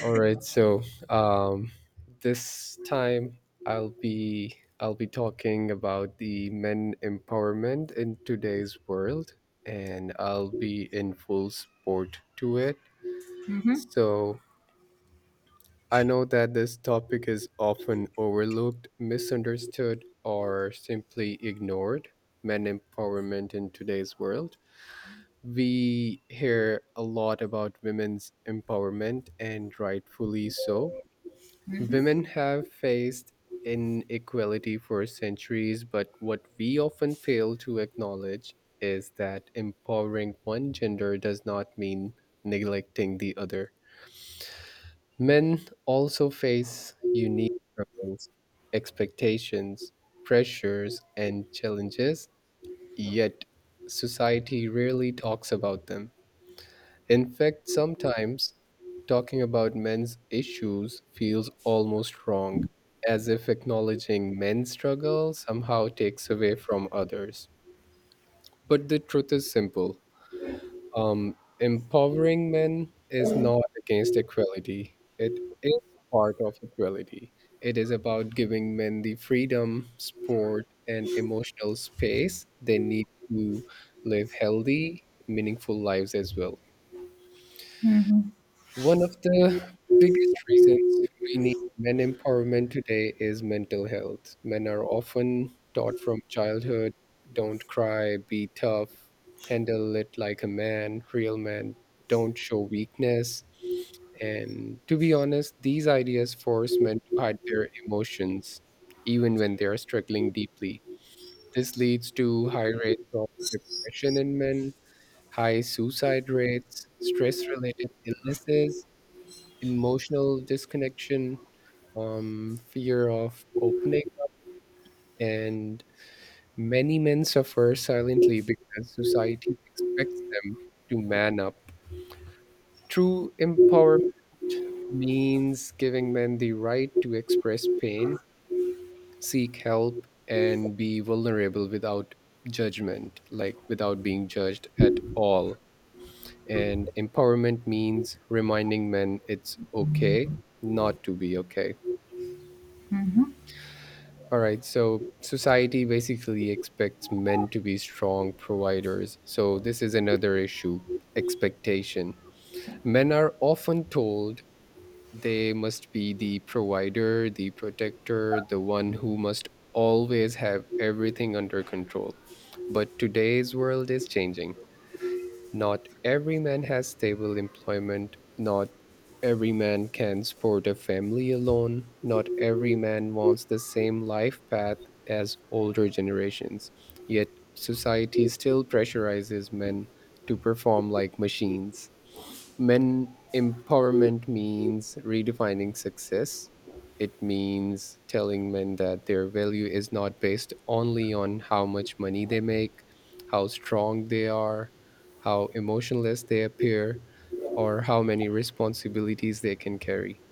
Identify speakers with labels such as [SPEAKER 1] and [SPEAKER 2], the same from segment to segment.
[SPEAKER 1] All right, so um, this time I'll be talking about the men empowerment in today's world, and I'll be in full support to it.
[SPEAKER 2] Mhm.
[SPEAKER 1] So I know that this topic is often overlooked, misunderstood, or simply ignored. Men empowerment in today's world. We hear a lot about women's empowerment, and rightfully so.
[SPEAKER 2] Mhm.
[SPEAKER 1] Women have faced inequality for centuries, but what we often fail to acknowledge is that empowering one gender does not mean neglecting the other. Men also face unique struggles, expectations, pressures, and challenges, yet society rarely talks about them. In fact, sometimes talking about men's issues feels almost wrong, as if acknowledging men's struggle somehow takes away from others. But the truth is simple. Empowering men is not against equality, it is part of equality. It is about giving men the freedom, support, and emotional space they need to live healthy, meaningful lives as well.
[SPEAKER 2] Mhm.
[SPEAKER 1] One of the biggest reasons we need men empowerment today is mental health. Men are often taught from childhood, don't cry, be tough, handle it like a man, real man, don't show weakness. And to be honest, these ideas force men to hide their emotions, even when they are struggling deeply. This leads to high rates of depression in men, high suicide rates, stress related illnesses, emotional disconnection, fear of opening up, and many men suffer silently because society expects them to man up. True empowerment means giving men the right to express pain, seek help, and be vulnerable without judgment, like without being judged at all. And empowerment means reminding men it's okay not to be okay.
[SPEAKER 2] Mhm.
[SPEAKER 1] All right, so society basically expects men to be strong providers. So, this is another issue, expectation. Men are often told they must be the provider, the protector, the one who must always have everything under control. But today's world is changing. Not every man has stable employment. Not every man can support a family alone. Not every man wants the same life path as older generations. Yet, society still pressurizes men to perform like machines. Men empowerment means redefining success. It means telling men that their value is not based only on how much money they make, how strong they are, how emotionless they appear, or how many responsibilities they can carry.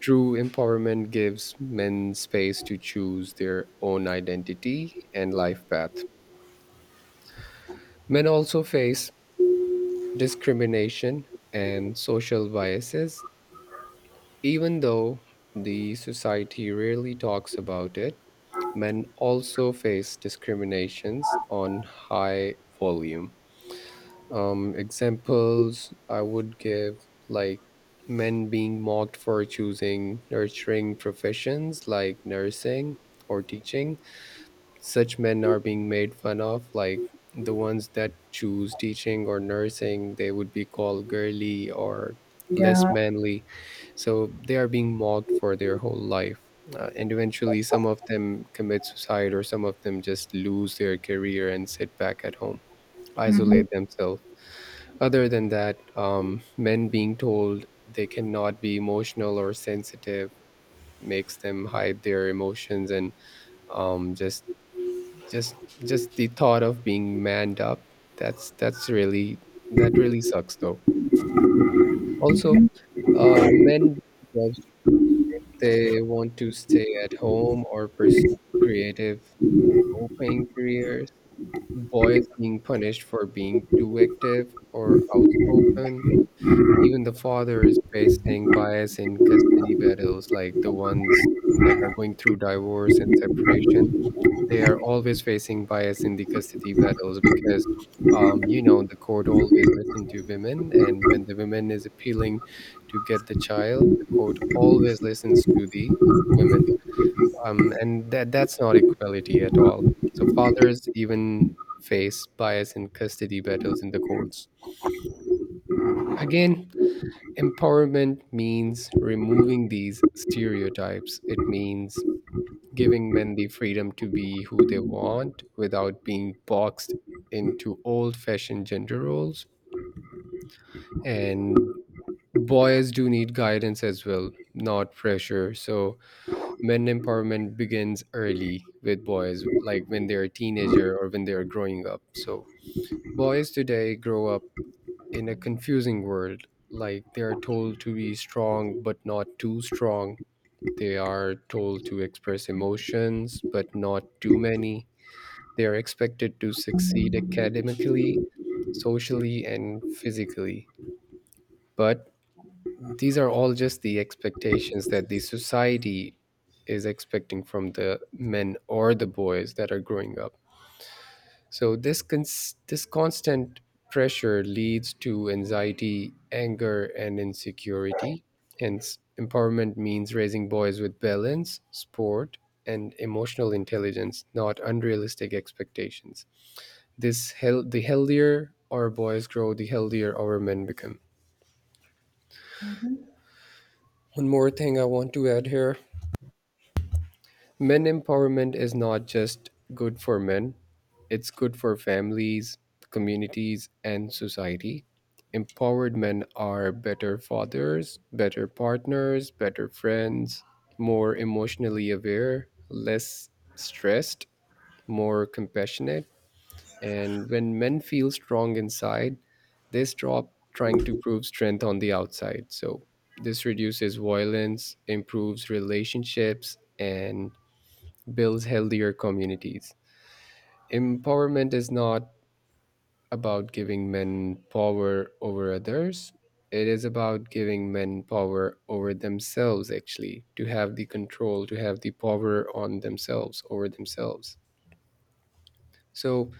[SPEAKER 1] True empowerment gives men space to choose their own identity and life path. Men also face discrimination and social biases, even though the society rarely talks about it. Men also face discriminations on high volume. Examples I would give, like men being mocked for choosing nurturing professions like nursing or teaching. Such men are being made fun of, like the ones that choose teaching or nursing, they would be called girly or less
[SPEAKER 2] Yeah,
[SPEAKER 1] manly. So they are being mocked for their whole life. And eventually, some of them commit suicide, or some of them just lose their career and sit back at home,
[SPEAKER 2] Mhm.
[SPEAKER 1] isolate themselves. Other than that, men being told they cannot be emotional or sensitive makes them hide their emotions and um, just just the thought of being manned up. That's really, that really sucks though. Also, men being judged if they want to stay at home or pursue creative, low-paying careers. Boys being punished for being too active or outspoken. Even the father is facing bias in custody battles, like the ones that are going through divorce and separation. They are always facing bias in the custody battles because, you know, the court always listen to women, and when the women is appealing to get the child, the court always listens to the women. And that that's not equality at all. So fathers even face bias in custody battles in the courts. Again, empowerment means removing these stereotypes. It means giving men the freedom to be who they want without being boxed into old fashioned gender roles. And boys do need guidance as well, not pressure. So, men empowerment begins early with boys, like when they're a teenager or when they're growing up. So, boys today grow up in a confusing world. Like they are told to be strong but not too strong. They are told to express emotions, but not too many. They are expected to succeed academically, socially, and physically. But these are all just the expectations that the society is expecting from the men or the boys that are growing up. So this constant pressure leads to anxiety, anger, and insecurity. Hence, empowerment means raising boys with balance, sport, and emotional intelligence, not unrealistic expectations. The healthier our boys grow, the healthier our men become. One more thing I want to add here. Men empowerment is not just good for men, it's good for families, communities, and society. Empowered men are better fathers, better partners, better friends, more emotionally aware, less stressed, more compassionate. And when men feel strong inside, they stop trying to prove strength on the outside. So, this reduces violence, improves relationships, and builds healthier communities. Empowerment is not about giving men power over others, it is about giving men power over themselves, actually, to have the control, to have the power on themselves, over themselves. So,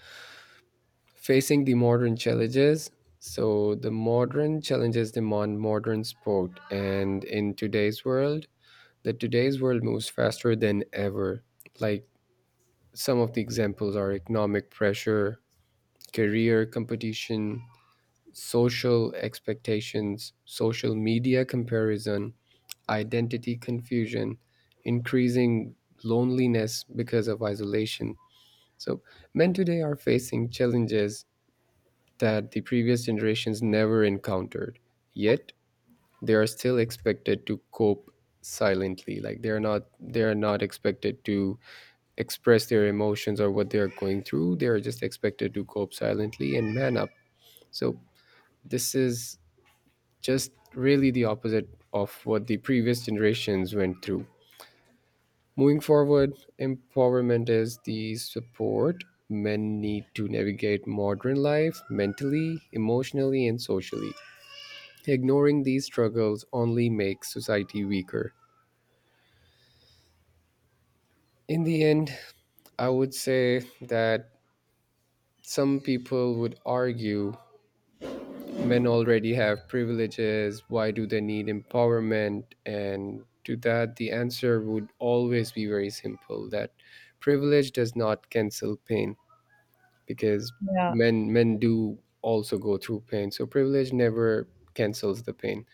[SPEAKER 1] facing the modern challenges, so the modern challenges demand modern sport, and in today's world, the today's world moves faster than ever. Like some of the examples are economic pressure, career competition, social expectations, social media comparison, identity confusion, increasing loneliness because of isolation. So, men today are facing challenges that the previous generations never encountered. Yet, they are still expected to cope silently, like they're not expected to express their emotions or what they're going through. They're just expected to cope silently and man up. So this is just really the opposite of what the previous generations went through. Moving forward, empowerment is the support men need to navigate modern life mentally, emotionally, and socially. Ignoring these struggles only makes society weaker. In the end, I would say that some people would argue men already have privileges, why do they need empowerment? And to that the answer would always be very simple, that privilege does not cancel pain, because
[SPEAKER 2] yeah.
[SPEAKER 1] men do also go through pain, so privilege never cancels the pain.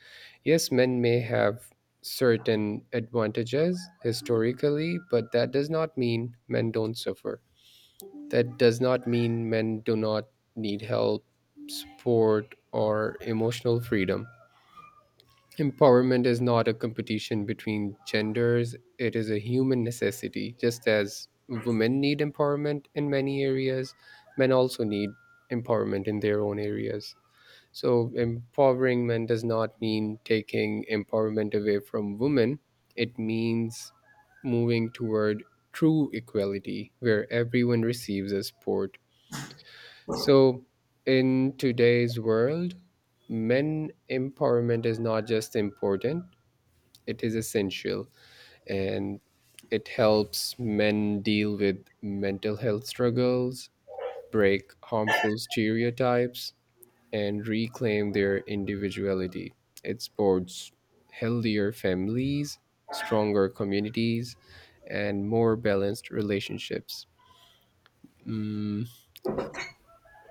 [SPEAKER 1] Yes, men may have certain advantages historically, but that does not mean men don't suffer, that does not mean men do not need help, support, or emotional freedom. Empowerment is not a competition between genders, it is a human necessity. Just as women need empowerment in many areas, men also need empowerment in their own areas. So, empowering men does not mean taking empowerment away from women, it means moving toward true equality where everyone receives a support. So, in today's world, men empowerment is not just important, it is essential, and it helps men deal with mental health struggles, break harmful stereotypes, and reclaim their individuality. It supports healthier families, stronger communities, and more balanced relationships. Mm,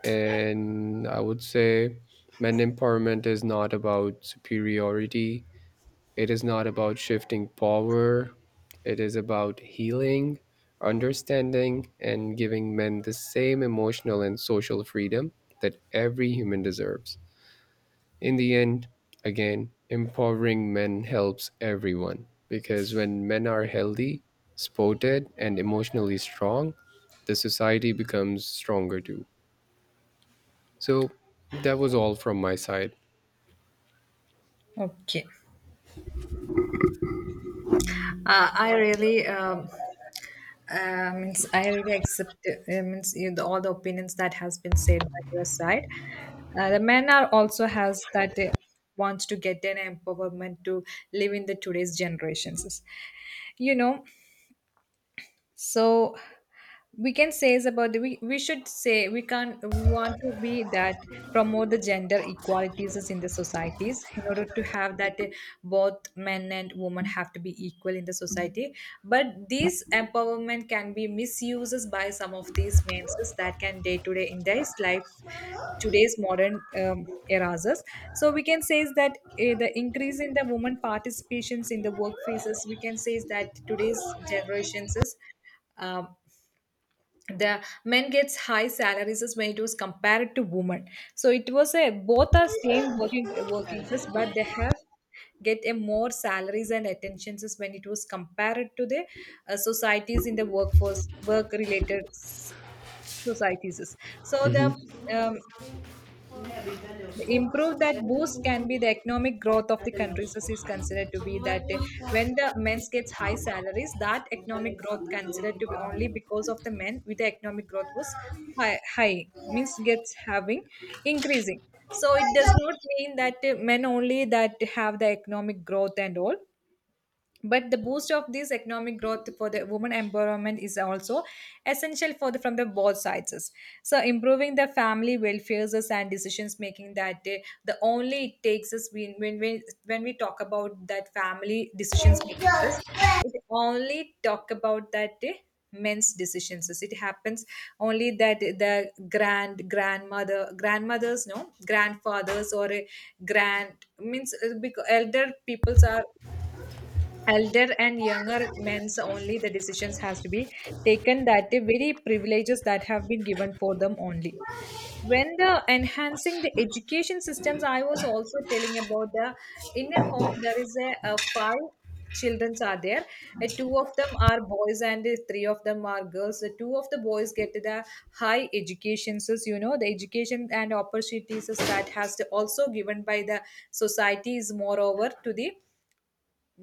[SPEAKER 1] And I would say men empowerment is not about superiority, it is not about shifting power, it is about healing, understanding, and giving men the same emotional and social freedom that every human deserves. In the end, again, empowering men helps everyone because when men are healthy, supported, and emotionally strong, the society becomes stronger too. So that was all from my side.
[SPEAKER 2] Okay. I really means I really accept means you know, all the opinions that has been said by your side. The men are also has that wants to get an empowerment to live in the today's generations. You know, so we can say is about the, we should say we can't we want to be that promote the gender equalities is in the societies in order to have that both men and women have to be equal in the society, but this empowerment can be misuses by some of these men that can day to day in their life today's modern eras. So we can say is that the increase in the women participations in the workplaces, we can say is that today's generations is um, the men gets high salaries as when it was compared to women. So it was a both are same working workings as, but they have get a more salaries and attentions as when it was compared to the societies in the workforce, work related societies. So um, the improve that boost can be the economic growth of the countries as is considered to be that when the men gets high salaries, that economic growth considered to be only because of the men, with the economic growth was high means gets having increasing. So it does not mean that men only that have the economic growth and all, but the boost of this economic growth for the women empowerment is also essential for the from the both sides. So improving the family welfare and decisions making, that the only it takes us when when we talk about that family decisions making us, it only talk about that men's decisions it happens only. That the grandmothers no grandfathers or a grand means because elder peoples are elder and younger men's only the decisions has to be taken, that the very privileges that have been given for them only. When the enhancing the education systems, I was also telling about the in a home there is a five children are there. Two of them are boys and the three of them are girls. The two of the boys get the high educations, you know, the education and opportunities that has to also given by the society is moreover to the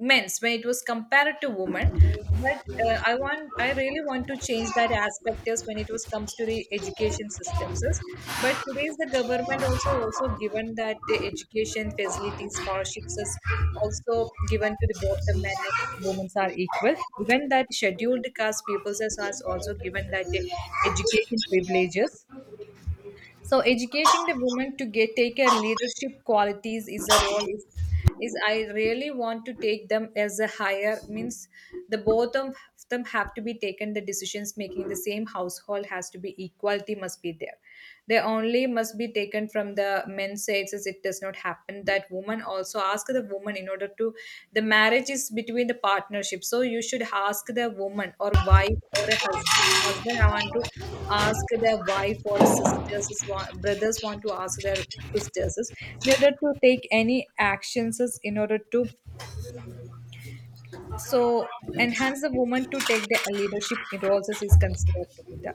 [SPEAKER 2] men's when it was compared to women. But I really want to change that aspect is when it was comes to the education systems is. But today's the government also given that the education facilities scholarships is also given to the both the men and women are equal, even that scheduled caste peoples is also given that the education privileges. So educating the women to get take her leadership qualities is a role is I really want to take them as a higher means the both of them have to be taken the decisions making in the same household, has to be equality must be there. They only must be taken from the men's side, since it does not happen that woman also ask the woman in order to the marriage is between the partnership. So you should ask the woman or wife or a husband, husband I want to ask their wife or sisters is want, brothers want to ask their sisters is in order to take any actions is in order to. So enhance the woman to take the leadership roles as is considered to be the,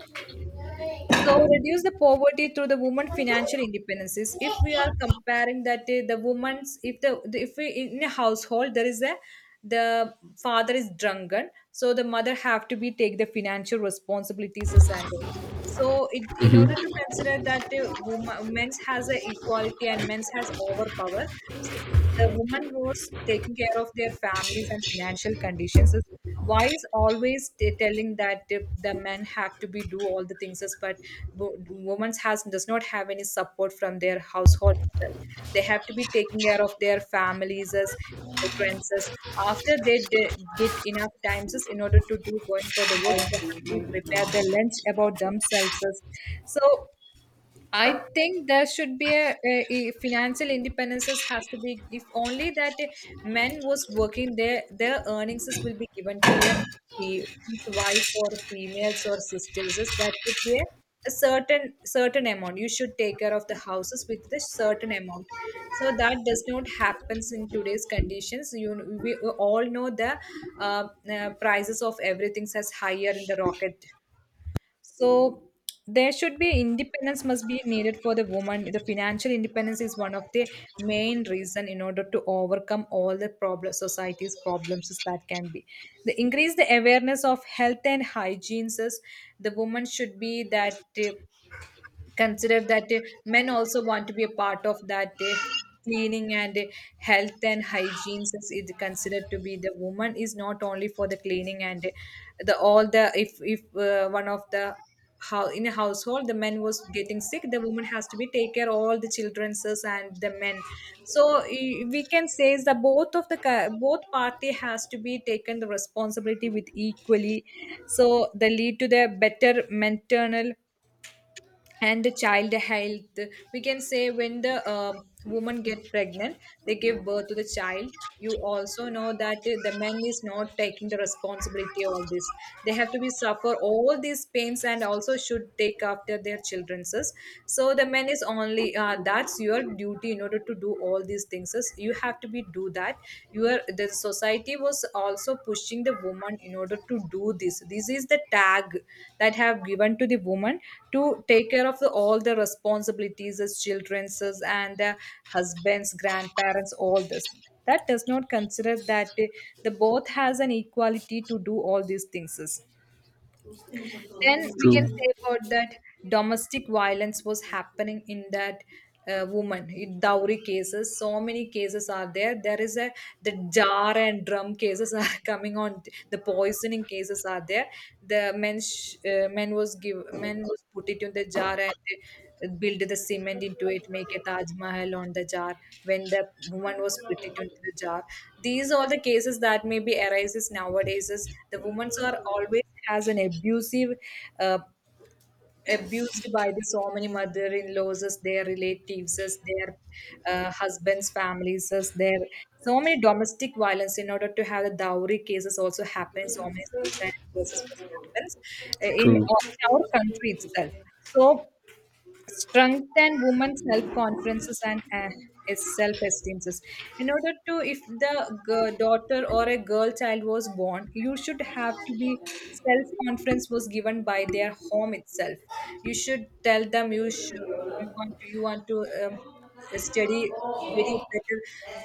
[SPEAKER 2] so reduce the poverty through the woman financial independences. If we are comparing that the woman's, if if we in a household, there is a the father is drunken, so the mother have to be take the financial responsibilities as and all. So it, in
[SPEAKER 1] Hmm.
[SPEAKER 2] order to consider that woman, men's has a equality and men's has overpower, so the woman was taking care of their families and financial conditions. Why is always telling that the men have to be do all the things as, but women's has does not have any support from their household itself. They have to be taking care of their families as children's as. After they get enough times as, in order to do going for the works, they have to be prepared their lunch about themselves as. So I think there should be a financial independence has to be. If only that men was working, their earnings is will be given to their fe- wife or females or sisters. Is that would be a certain amount you should take care of the houses with the certain amount. So that does not happens in today's conditions, you we all know the prices of everything has higher in the rocket. So there should be independence must be needed for the woman. The financial independence is one of the main reason in order to overcome all the problem, society's problems is that can be. The increase the awareness of health and hygiene. Is The woman should be that. Consider that men also want to be a part of that cleaning and health and hygiene is considered to be the woman is not only for the cleaning and the all the if one of the how in a household the man was getting sick, the woman has to be take care all the children's and the men. So I- we can say is that both of the both party has to be taken the responsibility with equally. So they lead to the better maternal and the child health. We can say when the woman get pregnant, they give birth to the child. You also know that the man is not taking the responsibility of all this. They have to be suffer all these pains and also should take after their children's. So the man is only that's your duty, in order to do all these things you have to be do that. Your, the society was also pushing the woman in order to do this, this is the tag that have given to the woman to take care of the, all the responsibilities as children's as, and the husbands grandparents all this. That does not consider that the both has an equality to do all these things. Then we can
[SPEAKER 1] True,
[SPEAKER 2] say about that domestic violence was happening in that woman in dowry cases. So many cases are there. There is a the jar and drum cases are coming on. The poisoning cases are there. The men sh- men was give men was put it in the jar and they build the cement into it, make a Taj Mahal on the jar. When the woman was put it into the jar, these are the cases that maybe arises nowadays. Is the women are always has an abusive uh, abused by the so many mother-in-laws as, their relatives as, their husbands families as, their so many domestic violence in order to have the dowry cases also happening, so many suicide cases was happens
[SPEAKER 1] true.
[SPEAKER 2] in our country itself. So strengthen women's self-confidences and is self-esteems, in order to if the daughter or a girl child was born, you should have to be self-confidence was given by their home itself. You should tell them you should you want to study very better,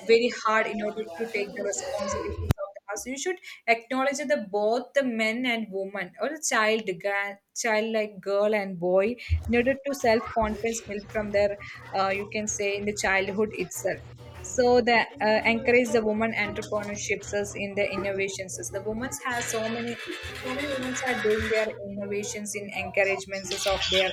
[SPEAKER 2] very hard, in order to take the responsibilities of the house. So you should acknowledge that the both the men and women, or the child child like girl and boy, in order to self confidence built from their you can say in the childhood itself. So the encourage the woman entrepreneurships as in the innovations, as the women has so many, so many women are doing their innovations in encouragements as of their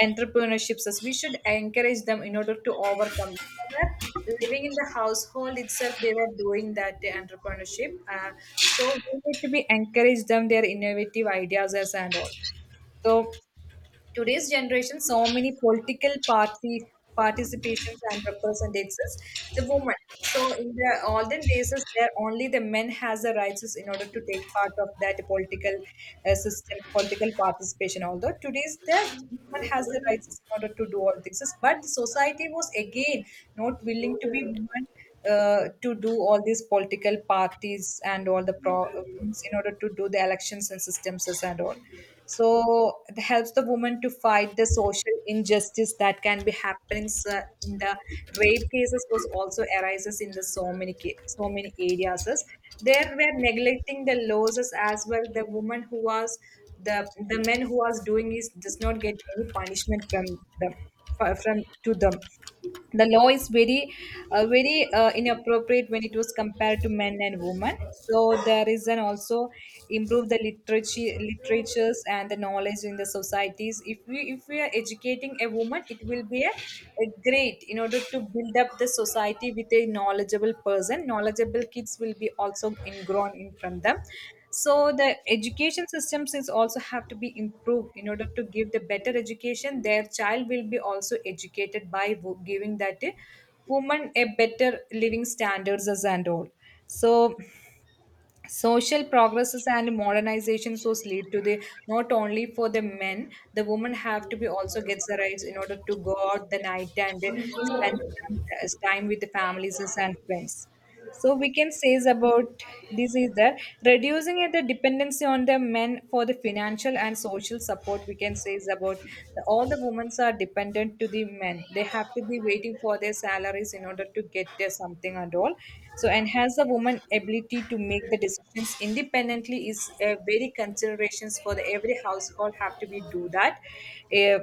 [SPEAKER 2] entrepreneurships. As we should encourage them in order to overcome. They were living in the household itself, they were doing that entrepreneurship. So we need to be encourage them their innovative ideas as and all. So today's generation, so many political party participations and representatives, the woman. So in the olden days, is there only the men has the rights is in order to take part of that political system, political participation. Although today's that woman has the rights is in order to do all things, but the society was again not willing to be woman to do all these political parties and all the in order to do the elections and systems and all. So it helps the woman to fight the social injustice that can be happening in the rape cases was also arises in the so many areas. There were neglecting the laws as well. The woman who was the men who was doing is does not get any punishment from them from to them the law is very very inappropriate when it was compared to men and women, so there is an also improve the literatures and the knowledge in the societies. If we are educating a woman it will be a great in order to build up the society with a knowledgeable person, knowledgeable kids will be also ingrown in from them. So the education systems is also have to be improved in order to give the better education, their child will be also educated by giving that a woman a better living standards as and all. So social progresses and modernization source lead to the not only for the men, the woman have to be also gets the rights in order to go out the night and spend time with the families and friends. So we can say is about this is that reducing it, the dependency on the men for the financial and social support. We can say is about all the women are dependent to the men. They have to be waiting for their salaries in order to get their something and all. So enhance the woman ability to make the decisions independently is a very considerations for the every household have to be do that. Uh,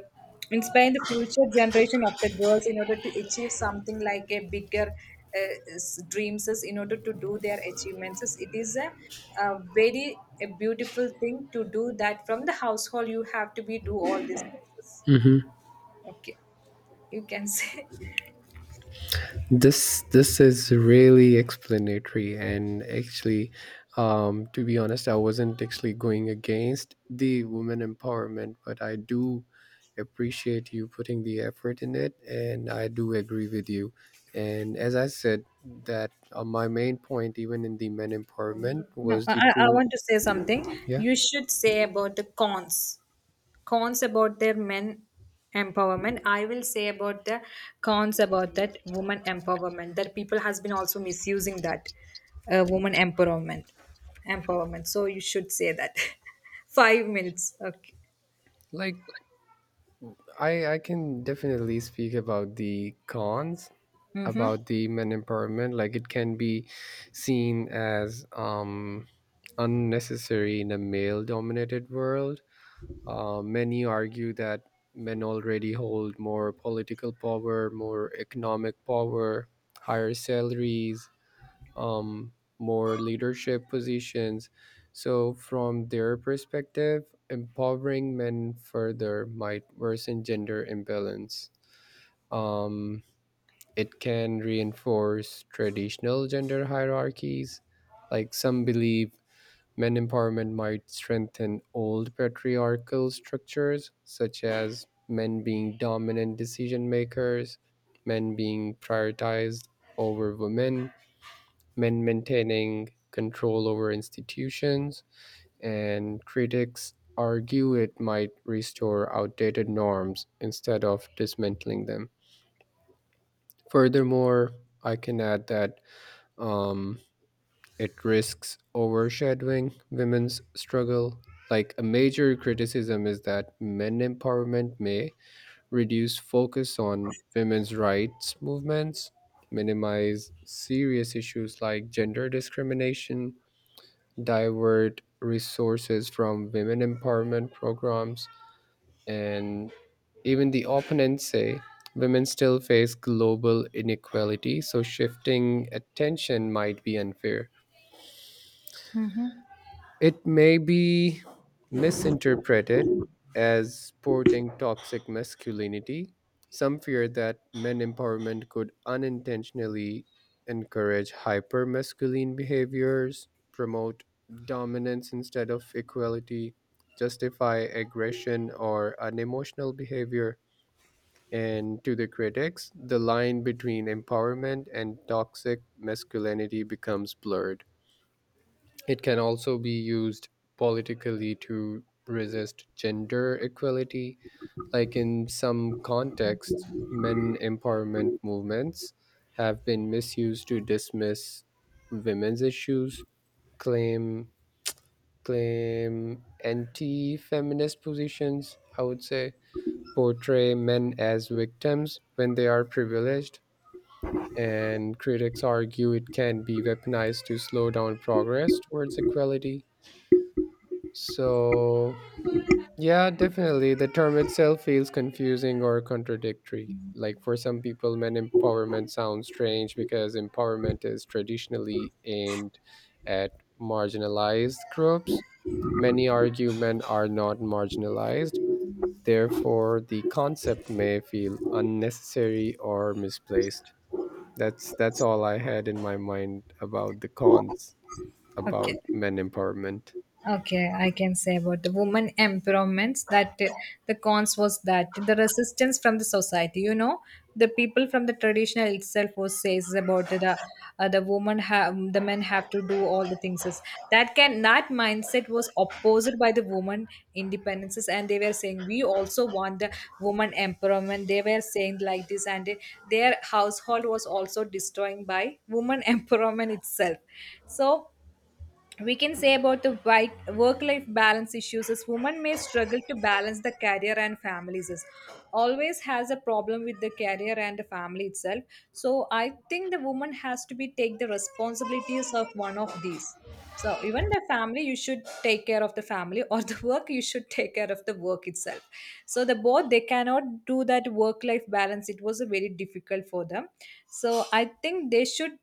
[SPEAKER 2] Inspire the future generation of the girls in order to achieve something like a bigger dreams is in order to do their it is a very a beautiful thing to do that. From the household you have to be do all these things.
[SPEAKER 1] Hmm.
[SPEAKER 2] Okay, you can say.
[SPEAKER 1] This is really explanatory and actually, to be honest, I wasn't actually going against the women empowerment, but I do appreciate you putting the effort in it, and I do agree with you. And as I said, that my main point, even in the men empowerment,
[SPEAKER 2] No,
[SPEAKER 1] was
[SPEAKER 2] i,
[SPEAKER 1] the
[SPEAKER 2] I I
[SPEAKER 1] true
[SPEAKER 2] want to say something.
[SPEAKER 1] yeah.
[SPEAKER 2] You should say about the cons about their men empowerment, I will say about the cons about that woman empowerment that people has been also misusing that woman empowerment, so you should say that. 5 minutes, okay.
[SPEAKER 1] Like I can definitely speak about the cons
[SPEAKER 2] Mm-hmm.
[SPEAKER 1] about the men empowerment. Like it can be seen as unnecessary in a male dominated world. Many argue that men already hold more political power, more economic power, higher salaries, more leadership positions, so from their perspective empowering men further might worsen gender imbalance. um, it can reinforce traditional gender hierarchies. Like some believe men empowerment might strengthen old patriarchal structures, such as men being dominant decision makers, men being prioritized over women, men maintaining control over institutions, and critics argue it might restore outdated norms instead of dismantling them. Furthermore, I can add that Um, it risks overshadowing women's struggle. Like a major criticism is that men empowerment may reduce focus on women's rights movements, minimize serious issues like gender discrimination, divert resources from women empowerment programs, and even the opponents say women still face global inequality, so shifting attention might be unfair.
[SPEAKER 2] Hmm.
[SPEAKER 1] It may be misinterpreted as sporting toxic masculinity. Some fear that men empowerment could unintentionally encourage hyper masculine behaviors, promote dominance instead of equality, justify aggression or unemotional behavior. And to the critics, the line between empowerment and toxic masculinity becomes blurred. It can also be used politically to resist gender equality. Like in some contexts, men empowerment movements have been misused to dismiss women's issues, claim claim anti-feminist positions, I would say, portray men as victims when they are privileged, and critics argue it can be weaponized to slow down progress towards equality. So, yeah, definitely. The term itself feels confusing or contradictory. Like for some people, men empowerment sounds strange because empowerment is traditionally aimed at marginalized groups. Many argue men are not marginalized. Therefore, the concept may feel unnecessary or misplaced. That's all I had in my mind about the cons about
[SPEAKER 2] Okay.
[SPEAKER 1] men empowerment.
[SPEAKER 2] Okay, I can say about the woman empowerments that the cons was that the resistance from the society. You know, the people from the traditional itself was says about the woman have, the men have to do all the things. That can that mindset was opposed by the woman independences, and they were saying we also want the woman empowerment. They were saying like this, and their household was also destroying by woman empowerment itself. So we can say about the work life balance issues is women may struggle to balance the career and families is always has a problem with the career and the family itself. So I think the woman has to be take the responsibilities of one of these. So even the family you should take care of the family, or the work you should take care of the work itself. So the both they cannot do that work life balance, it was a very difficult for them. So I think they should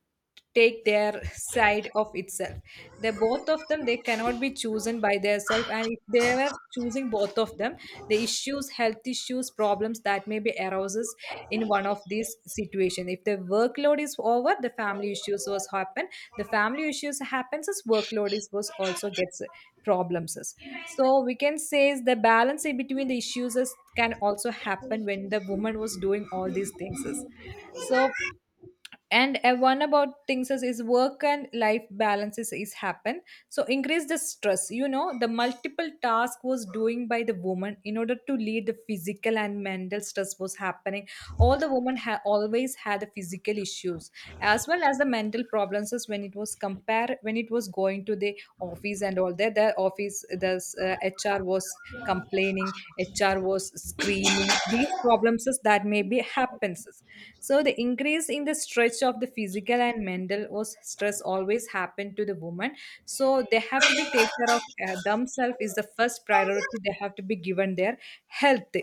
[SPEAKER 2] take their side of itself, the both of them they cannot be chosen by their self. And if they were choosing both of them, the issues, health issues problems that may be arises. In one of these situation, if the workload is over, the family issues was happen. The family issues happens as workload is was also gets problems is. So we can say is the balance in between the issues is, can also happen when the woman was doing all these things is. So and one about things is work and life balances is happen. So increase the stress, the multiple task was doing by the woman in order to lead the physical and mental stress was happening. All the women always had the physical issues as well as the mental problems is, when it was compare, when it was going to the office, and all that, the office this HR was complaining. HR was screaming these problems is that maybe happens. So the increase in the stretch of the physical and mental was stress always happened to the woman. So they have to be take care of themselves is the first priority, they have to be given their health.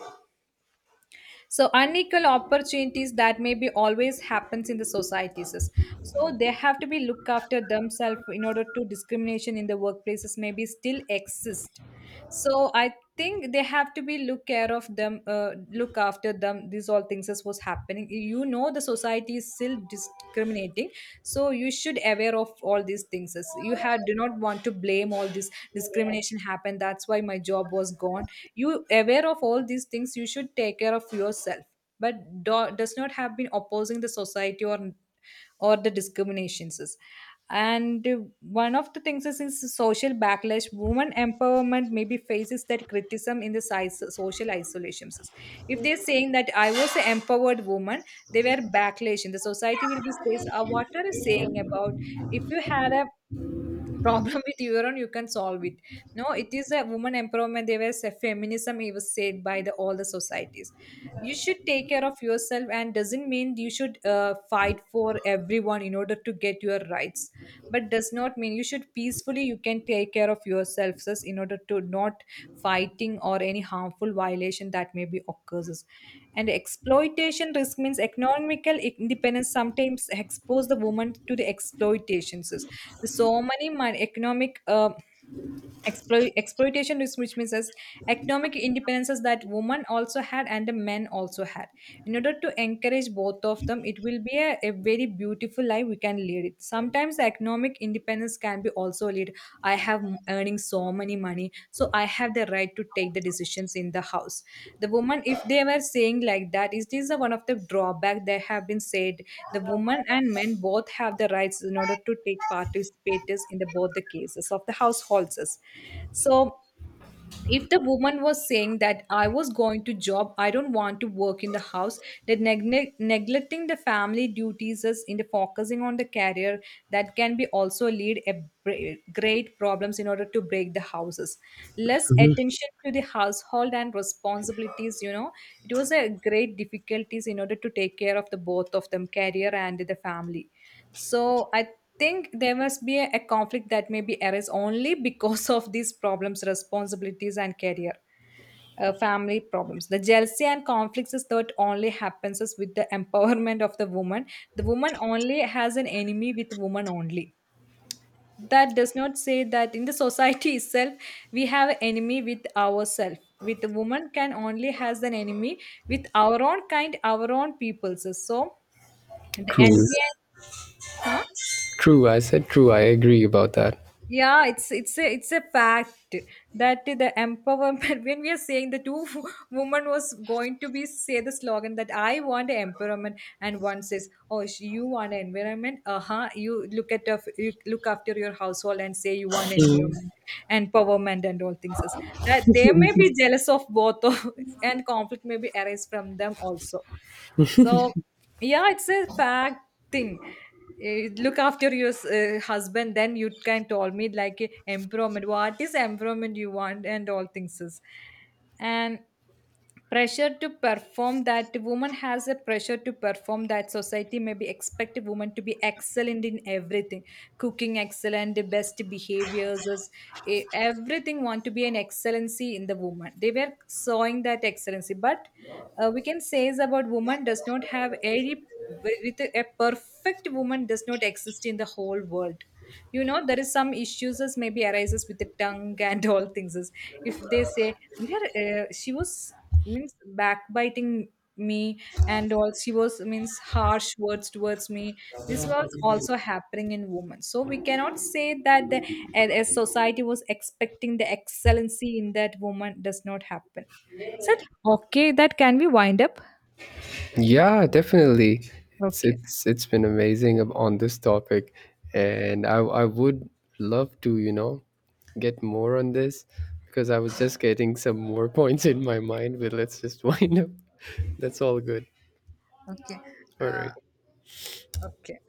[SPEAKER 2] So unequal opportunities that maybe always happens in the societies. So they have to be look after themselves, in order to discrimination in the workplaces maybe still exist. So I think they have to be look care of them look after them, these all things is what's happening. The society is still discriminating, so you should aware of all these things. As you had, do not want to blame all this discrimination happened, that's why my job was gone. You aware of all these things, you should take care of yourself, but does not have been opposing the society or the discriminations is. And one of the things is social backlash, women empowerment maybe faces that criticism in the size, social isolations. If they're saying that I was an empowered woman, they were backlash in the society will be says, "Ah, what are you saying about? If you had a problem with your own you can solve it. No, it is a woman empowerment, there was a feminism," it was said by the all the societies. You should take care of yourself, and doesn't mean you should fight for everyone in order to get your rights. But does not mean, you should peacefully you can take care of yourself, sis, in order to not fighting or any harmful violation that may be occurs. And exploitation risk means economical independence sometimes expose the woman to the exploitations. So many economic exploitation which means as economic independences that women also had and the men also had. In order to encourage both of them it will be a very beautiful life we can lead it. Sometimes the economic independence can be also lead, I have earning so many me money, so I have the right to take the decisions in the house. The woman, if they were saying like that, it is this the one of the drawback that have been said. The woman and men both have the rights in order to take participators in the both the cases of the households. So if the woman was saying that I was going to job, I don't want to work in the house, that neglecting the family duties is in the focusing on the career, that can be also lead a great problems in order to break the houses. Less attention to the household and responsibilities, it was a great difficulties in order to take care of the both of them, career and the family. So I think there must be a conflict that may be arise only because of these problems, responsibilities, and career, family problems. The jealousy and conflicts is that only happens is with the empowerment of the woman. The woman only has an enemy with woman only. That does not say that in the society itself, we have enemy with ourselves. With the woman can only has an enemy with our own kind, our own peoples. So the
[SPEAKER 1] True.
[SPEAKER 2] envy, huh?
[SPEAKER 1] True, I said true. I agree about that.
[SPEAKER 2] Yeah, it's a fact that the empowerment when we are saying the two woman was going to be say the slogan that I want empowerment, and one says, "Oh, you want environment." Uh-huh, you look after your household, and say you want environment, empowerment and all things is, that they may be jealous of both of, and conflict may be arise from them also. So, yeah, it's a fact thing. Look after your husband, then you can tell me like empowerment. What is empowerment you want and all things is, and pressure to perform, that woman has a pressure to perform, that society maybe expect a woman to be excellent in everything. Cooking excellent, the best behaviors is, everything want to be an excellency in the woman, they were sowing that excellency. But we can say is about, woman does not have any, with a perfect woman does not exist in the whole world. There is some issues as maybe arises with the tongue and all things is. If they say, "They were, she was means backbiting me and all, she was means harsh words towards me," this was also happening in women. So we cannot say that a society was expecting the excellency in that, woman does not happen. Said okay, that, can we wind up?
[SPEAKER 1] Yeah, definitely. It's
[SPEAKER 2] Okay.
[SPEAKER 1] it's it's been amazing on this topic, and I would love to, you know, get more on this because I was just getting some more points in my mind. But let's just wind up. That's all good.
[SPEAKER 2] Okay.
[SPEAKER 1] All
[SPEAKER 2] uh,
[SPEAKER 1] right.
[SPEAKER 2] okay.